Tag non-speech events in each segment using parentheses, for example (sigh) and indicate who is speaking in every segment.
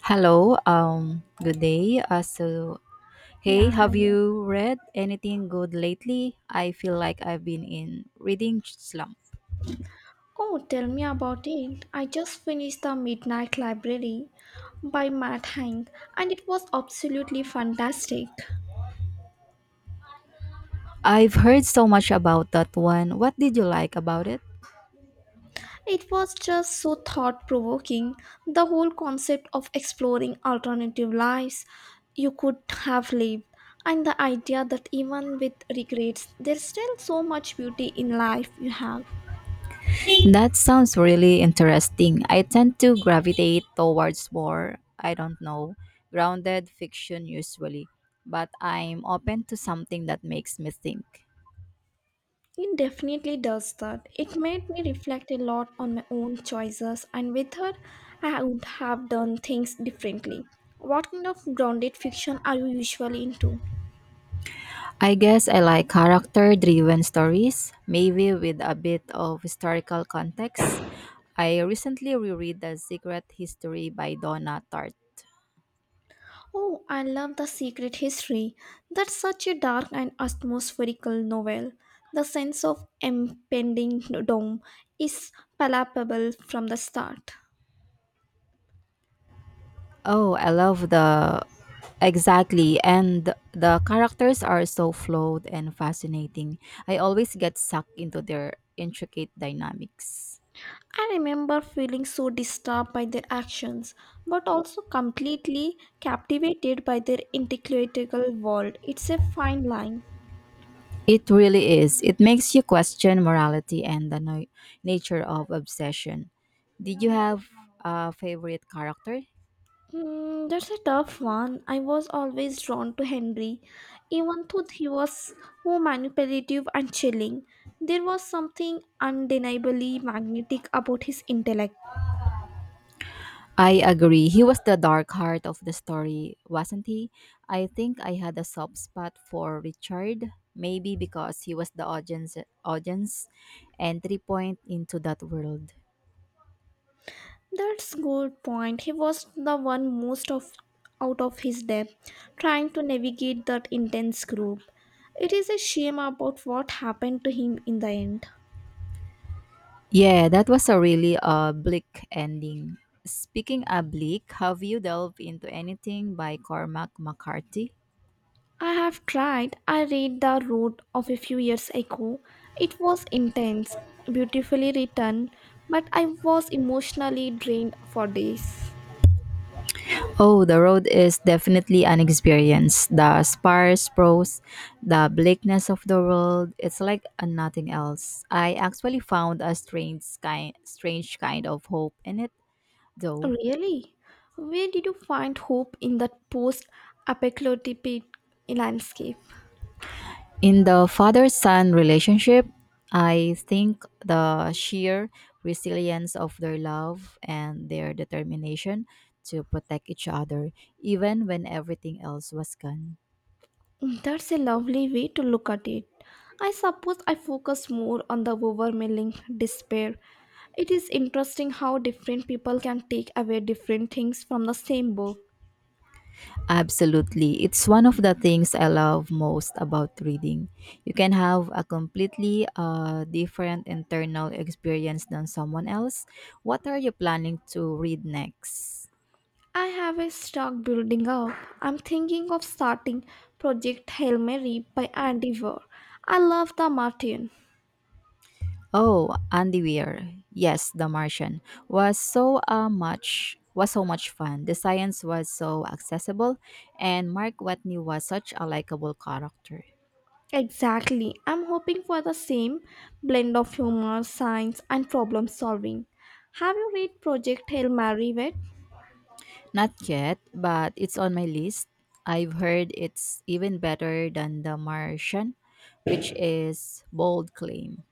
Speaker 1: Hello, good day. Hey,
Speaker 2: Yeah,
Speaker 1: have
Speaker 2: hello.
Speaker 1: you read anything good lately? I feel like I've been in reading slump.
Speaker 2: Oh, tell me about it. I just finished The Midnight Library by Matt Hank, and it was absolutely fantastic.
Speaker 1: I've heard so much about that one. What did you like about it?
Speaker 2: It was just so thought provoking. The whole concept of exploring alternative lives you could have lived, and the idea that even with regrets, there's still so much beauty in life you have.
Speaker 1: That sounds really interesting. I tend to gravitate towards more, I don't know, grounded fiction usually, but I'm open to something that makes me think.
Speaker 2: It definitely does that. It made me reflect a lot on my own choices and with her, I would have done things differently. What kind of grounded fiction are you usually into?
Speaker 1: I guess I like character driven stories, maybe with a bit of historical context. I recently reread The Secret History by Donna Tartt.
Speaker 2: Oh, I love The Secret History. That's such a dark and atmospherical novel. The sense of impending doom is palpable from the start.
Speaker 1: Oh, I love the. Exactly, and the characters are so flawed and fascinating. I always get sucked into their intricate dynamics.
Speaker 2: I remember feeling so disturbed by their actions, but also completely captivated by their intellectual world. It's a fine line.
Speaker 1: It really is. It makes you question morality and the nature of obsession. Did you have a favorite character?
Speaker 2: That's a tough one. I was always drawn to Henry, even though he was so manipulative and chilling. There was something undeniably magnetic about his intellect.
Speaker 1: I agree. He was the dark heart of the story, wasn't he? I think I had a soft spot for Richard, maybe because he was the audience entry point into that world.
Speaker 2: That's good point. He was the one most of out of his depth, trying to navigate that intense group. It is a shame about what happened to him in the end.
Speaker 1: Yeah, that was a really bleak ending. Speaking of bleak, have you delved into anything by Cormac McCarthy?
Speaker 2: I have tried. I read The Road of a few years ago. It was intense, beautifully written, but I was emotionally drained for days.
Speaker 1: Oh, the road is definitely an experience. The sparse prose, the bleakness of the world, it's like a nothing else. I actually found a strange kind of hope in it, though.
Speaker 2: Really? Where did you find hope in that post-apocalyptic landscape?
Speaker 1: In the father son relationship, I think the sheer resilience of their love and their determination to protect each other, even when everything else was gone.
Speaker 2: That's a lovely way to look at it. I suppose I focus more on the overwhelming despair. It is interesting how different people can take away different things from the same book.
Speaker 1: Absolutely. It's one of the things I love most about reading. You can have a completely different internal experience than someone else. What are you planning to read next?
Speaker 2: I have a stock building up. I'm thinking of starting Project Hail Mary by Andy Weir. I love the Martin.
Speaker 1: Oh, Andy Weir. Yes, The Martian was so much fun. The science was so accessible and Mark Watney was such a likable character.
Speaker 2: Exactly. I'm hoping for the same blend of humor, science, and problem solving. Have you read Project Hail Mary yet?
Speaker 1: Not yet, but it's on my list. I've heard it's even better than The Martian, which is bold claim.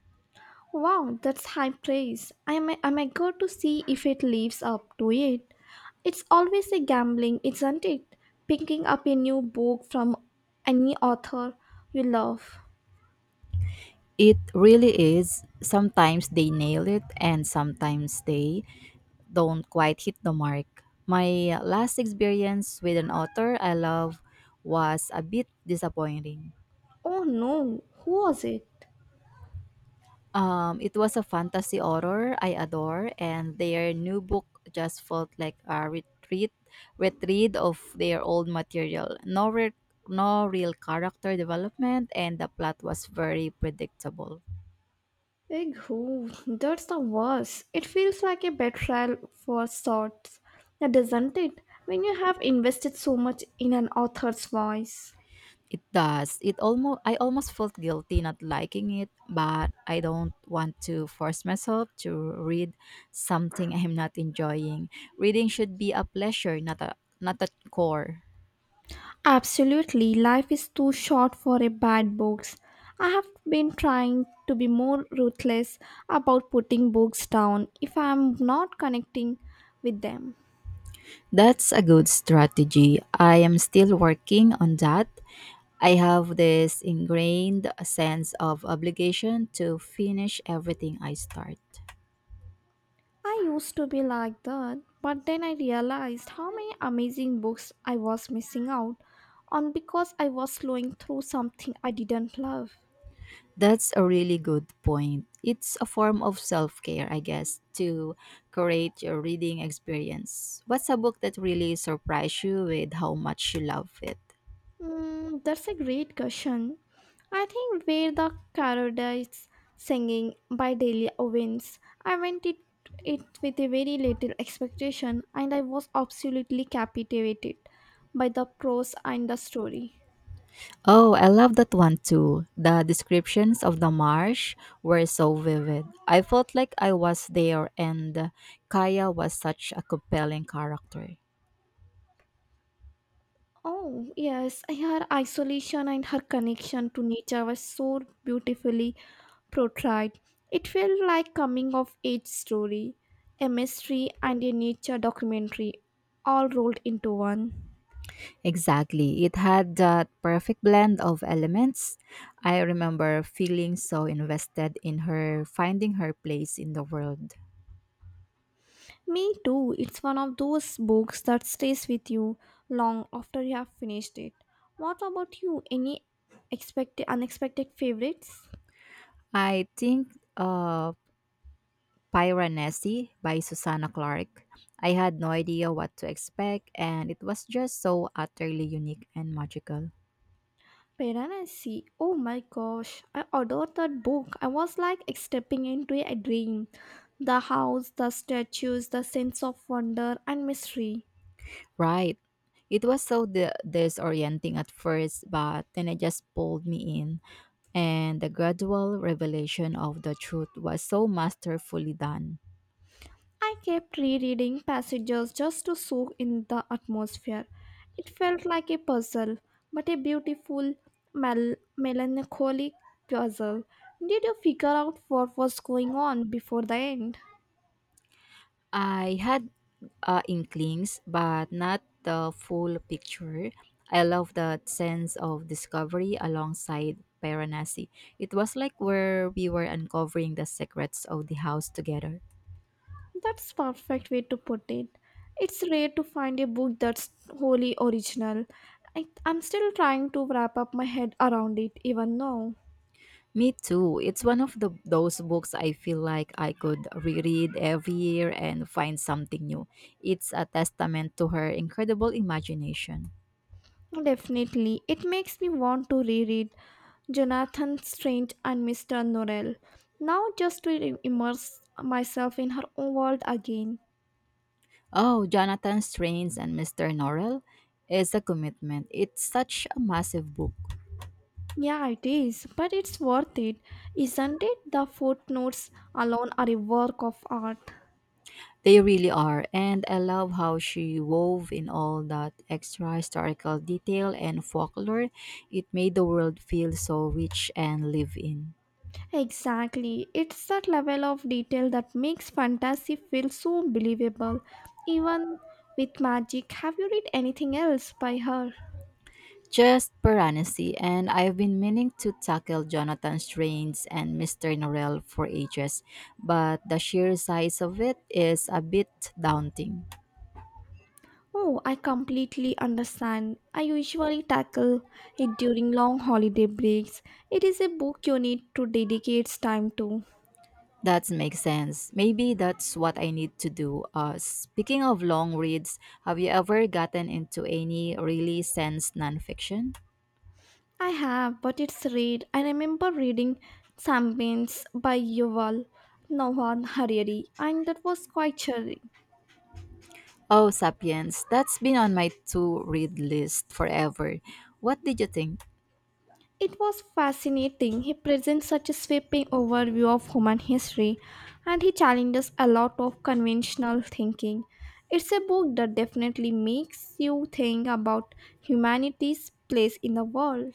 Speaker 2: Wow, that's high praise. I may go to see if it lives up to it. It's always a gambling, isn't it? Picking up a new book from any author you love.
Speaker 1: It really is. Sometimes they nail it and sometimes they don't quite hit the mark. My last experience with an author I love was a bit disappointing.
Speaker 2: Oh no, who was it?
Speaker 1: It was a fantasy horror I adore, and their new book just felt like a retreat of their old material. No real character development, and the plot was very predictable.
Speaker 2: Big who? That's the worst. It feels like a betrayal for sorts, doesn't it? When you have invested so much in an author's voice.
Speaker 1: It does. It almost I almost felt guilty not liking it, but I don't want to force myself to read something (laughs) I'm not enjoying. Reading should be a pleasure, not a chore.
Speaker 2: Absolutely, life is too short for a bad books. I have been trying to be more ruthless about putting books down if I am not connecting with them.
Speaker 1: That's a good strategy. I am still working on that. I have this ingrained sense of obligation to finish everything I start.
Speaker 2: I used to be like that, but then I realized how many amazing books I was missing out on because I was slowing through something I didn't love.
Speaker 1: That's a really good point. It's a form of self care, I guess, to create your reading experience. What's a book that really surprised you with how much you love it?
Speaker 2: That's a great question. I think where the Paradise Singing by Delia Owens. I went it, it with a very little expectation and I was absolutely captivated by the prose and the story.
Speaker 1: Oh, I love that one too. The descriptions of the marsh were so vivid. I felt like I was there, and Kaya was such a compelling character.
Speaker 2: Oh, yes, her isolation and her connection to nature was so beautifully portrayed. It felt like coming of age story, a mystery and a nature documentary all rolled into one.
Speaker 1: Exactly. It had that perfect blend of elements. I remember feeling so invested in her finding her place in the world.
Speaker 2: Me too. It's one of those books that stays with you long after you have finished it. What about you? Any expected unexpected favorites?
Speaker 1: I think Piranesi by Susanna Clark. I had no idea what to expect and it was just so utterly unique and magical.
Speaker 2: Piranesi. Oh my gosh. I adored that book. I was like stepping into a dream. The house, the statues, the sense of wonder and mystery.
Speaker 1: Right. It was so disorienting at first, but then it just pulled me in, and the gradual revelation of the truth was so masterfully done.
Speaker 2: I kept rereading passages just to soak in the atmosphere. It felt like a puzzle, but a beautiful, melancholic puzzle. Did you figure out what was going on before the end?
Speaker 1: I had inklings, but not the full picture. I love that sense of discovery alongside Paranasi. It was like where we were uncovering the secrets of the house together.
Speaker 2: That's perfect way to put it. It's rare to find a book that's wholly original. I'm still trying to wrap up my head around it even now.
Speaker 1: Me too. It's one of the those books I feel like I could reread every year and find something new. It's a testament to her incredible imagination.
Speaker 2: Definitely, it makes me want to reread Jonathan Strange and Mr. Norrell. Now just to immerse myself in her own world again.
Speaker 1: Oh, Jonathan Strains and Mr. Norrell is a commitment. It's such a massive book.
Speaker 2: Yeah, it is, but it's worth it, isn't it? The footnotes alone are a work of art.
Speaker 1: They really are, and I love how she wove in all that extra historical detail and folklore. It made the world feel so rich and live in.
Speaker 2: Exactly. It's that level of detail that makes fantasy feel so believable. Even with magic, have you read anything else by her?
Speaker 1: Just Piranesi, and I've been meaning to tackle Jonathan Strains and Mr. Norrell for ages, but the sheer size of it is a bit daunting.
Speaker 2: Oh, I completely understand. I usually tackle it during long holiday breaks. It is a book you need to dedicate time to.
Speaker 1: That makes sense. Maybe that's what I need to do. Speaking of long reads, have you ever gotten into any really sense nonfiction?
Speaker 2: I have, but it's rare. I remember reading Sapiens by Yuval Noah Harari, and that was quite chilling.
Speaker 1: Oh, Sapiens, that's been on my to read list forever. What did you think?
Speaker 2: It was fascinating. He presents such a sweeping overview of human history and he challenges a lot of conventional thinking. It's a book that definitely makes you think about humanity's place in the world.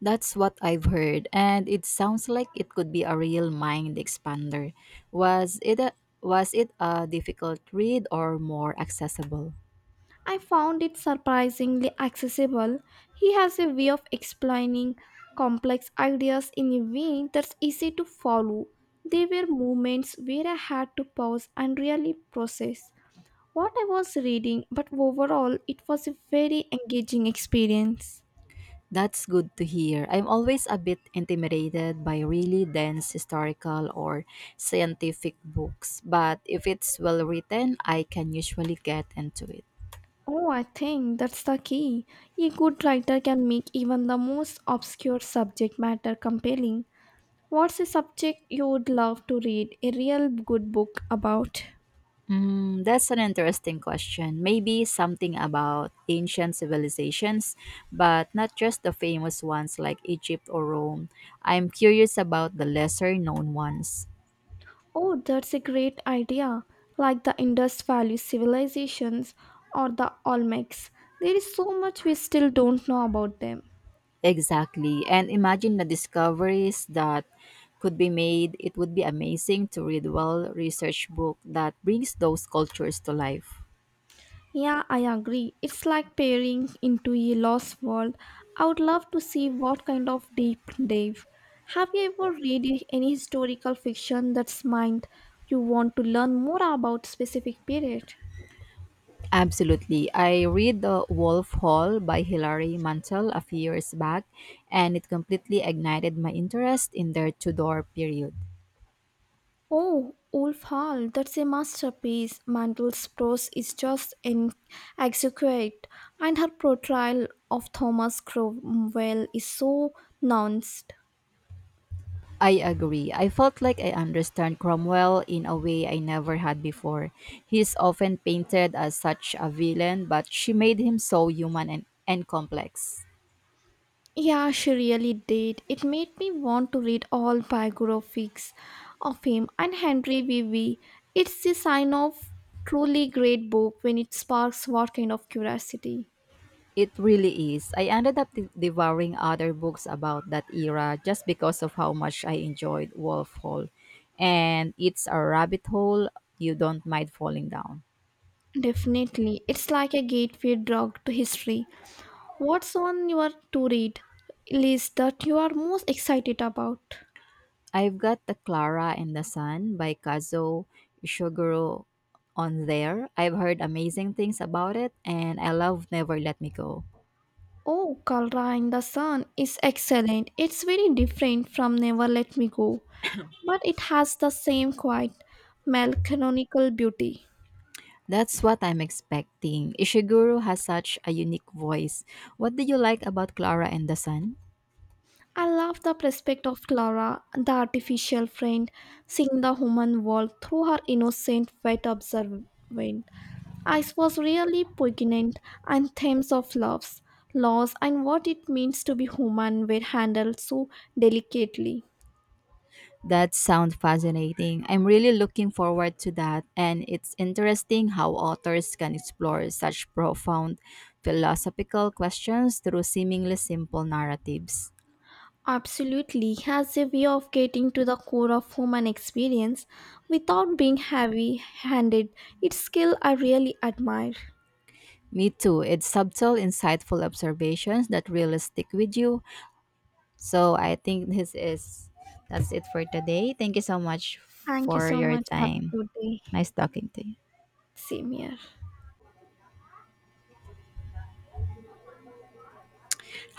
Speaker 1: That's what I've heard, and it sounds like it could be a real mind expander. Was it a difficult read or more accessible?
Speaker 2: I found it surprisingly accessible. He has a way of explaining complex ideas in a way that's easy to follow. There were moments where I had to pause and really process what I was reading, but overall, it was a very engaging experience.
Speaker 1: That's good to hear. I'm always a bit intimidated by really dense historical or scientific books, but if it's well written, I can usually get into it.
Speaker 2: Oh, I think that's the key. A good writer can make even the most obscure subject matter compelling. What's a subject you would love to read a real good book about?
Speaker 1: Mm, that's an interesting question. Maybe something about ancient civilizations, but not just the famous ones like Egypt or Rome. I'm curious about the lesser known ones.
Speaker 2: Oh, that's a great idea. Like the Indus Valley civilizations or the Olmecs. There is so much we still don't know about them.
Speaker 1: Exactly. And imagine the discoveries that could be made. It would be amazing to read well researched book that brings those cultures to life.
Speaker 2: Yeah, I agree. It's like peering into a lost world. I would love to see what kind of deep dive. Have you ever read any historical fiction that's mind you want to learn more about specific period?
Speaker 1: Absolutely. I read The Wolf Hall by Hilary Mantel a few years back, and it completely ignited my interest in their Tudor period.
Speaker 2: Oh, Wolf Hall, that's a masterpiece. Mandel's prose is just in exquisite, and her portrayal of Thomas Cromwell is so nuanced.
Speaker 1: I agree. I felt like I understand Cromwell in a way I never had before. He's often painted as such a villain, but she made him so human and complex.
Speaker 2: Yeah, she really did. It made me want to read all biographies of him and Henry Vivi. It's the sign of truly great book when it sparks what kind of curiosity.
Speaker 1: It really is. I ended up devouring other books about that era just because of how much I enjoyed Wolf Hall. And it's a rabbit hole you don't mind falling down.
Speaker 2: Definitely. It's like a gateway drug to history. What's one you are to read list that you are most excited about?
Speaker 1: I've got The Clara and the Sun by Kazuo Ishiguro on there. I've heard amazing things about it, and I love Never Let Me Go.
Speaker 2: Oh, Kalra in the Sun is excellent. It's very different from Never Let Me Go, but it has the same quiet melancholical beauty.
Speaker 1: That's what I'm expecting. Ishiguro has such a unique voice. What do you like about Clara and the Sun?
Speaker 2: I love the prospect of Clara, the artificial friend, seeing the human world through her innocent, wet observant. Ice was really poignant, and themes of loves, loss, and what it means to be human were handled so delicately.
Speaker 1: That sounds fascinating. I'm really looking forward to that, and it's interesting how authors can explore such profound philosophical questions through seemingly simple narratives.
Speaker 2: Absolutely, he has a way of getting to the core of human experience without being heavy handed. Its skill I really admire.
Speaker 1: Me too. It's subtle, insightful observations that really stick with you. So I think this is that's it for today. Thank you so much
Speaker 2: Thank you
Speaker 1: for
Speaker 2: so
Speaker 1: your
Speaker 2: much. Have a
Speaker 1: time.
Speaker 2: good day.
Speaker 1: Nice talking to you.
Speaker 2: Same here.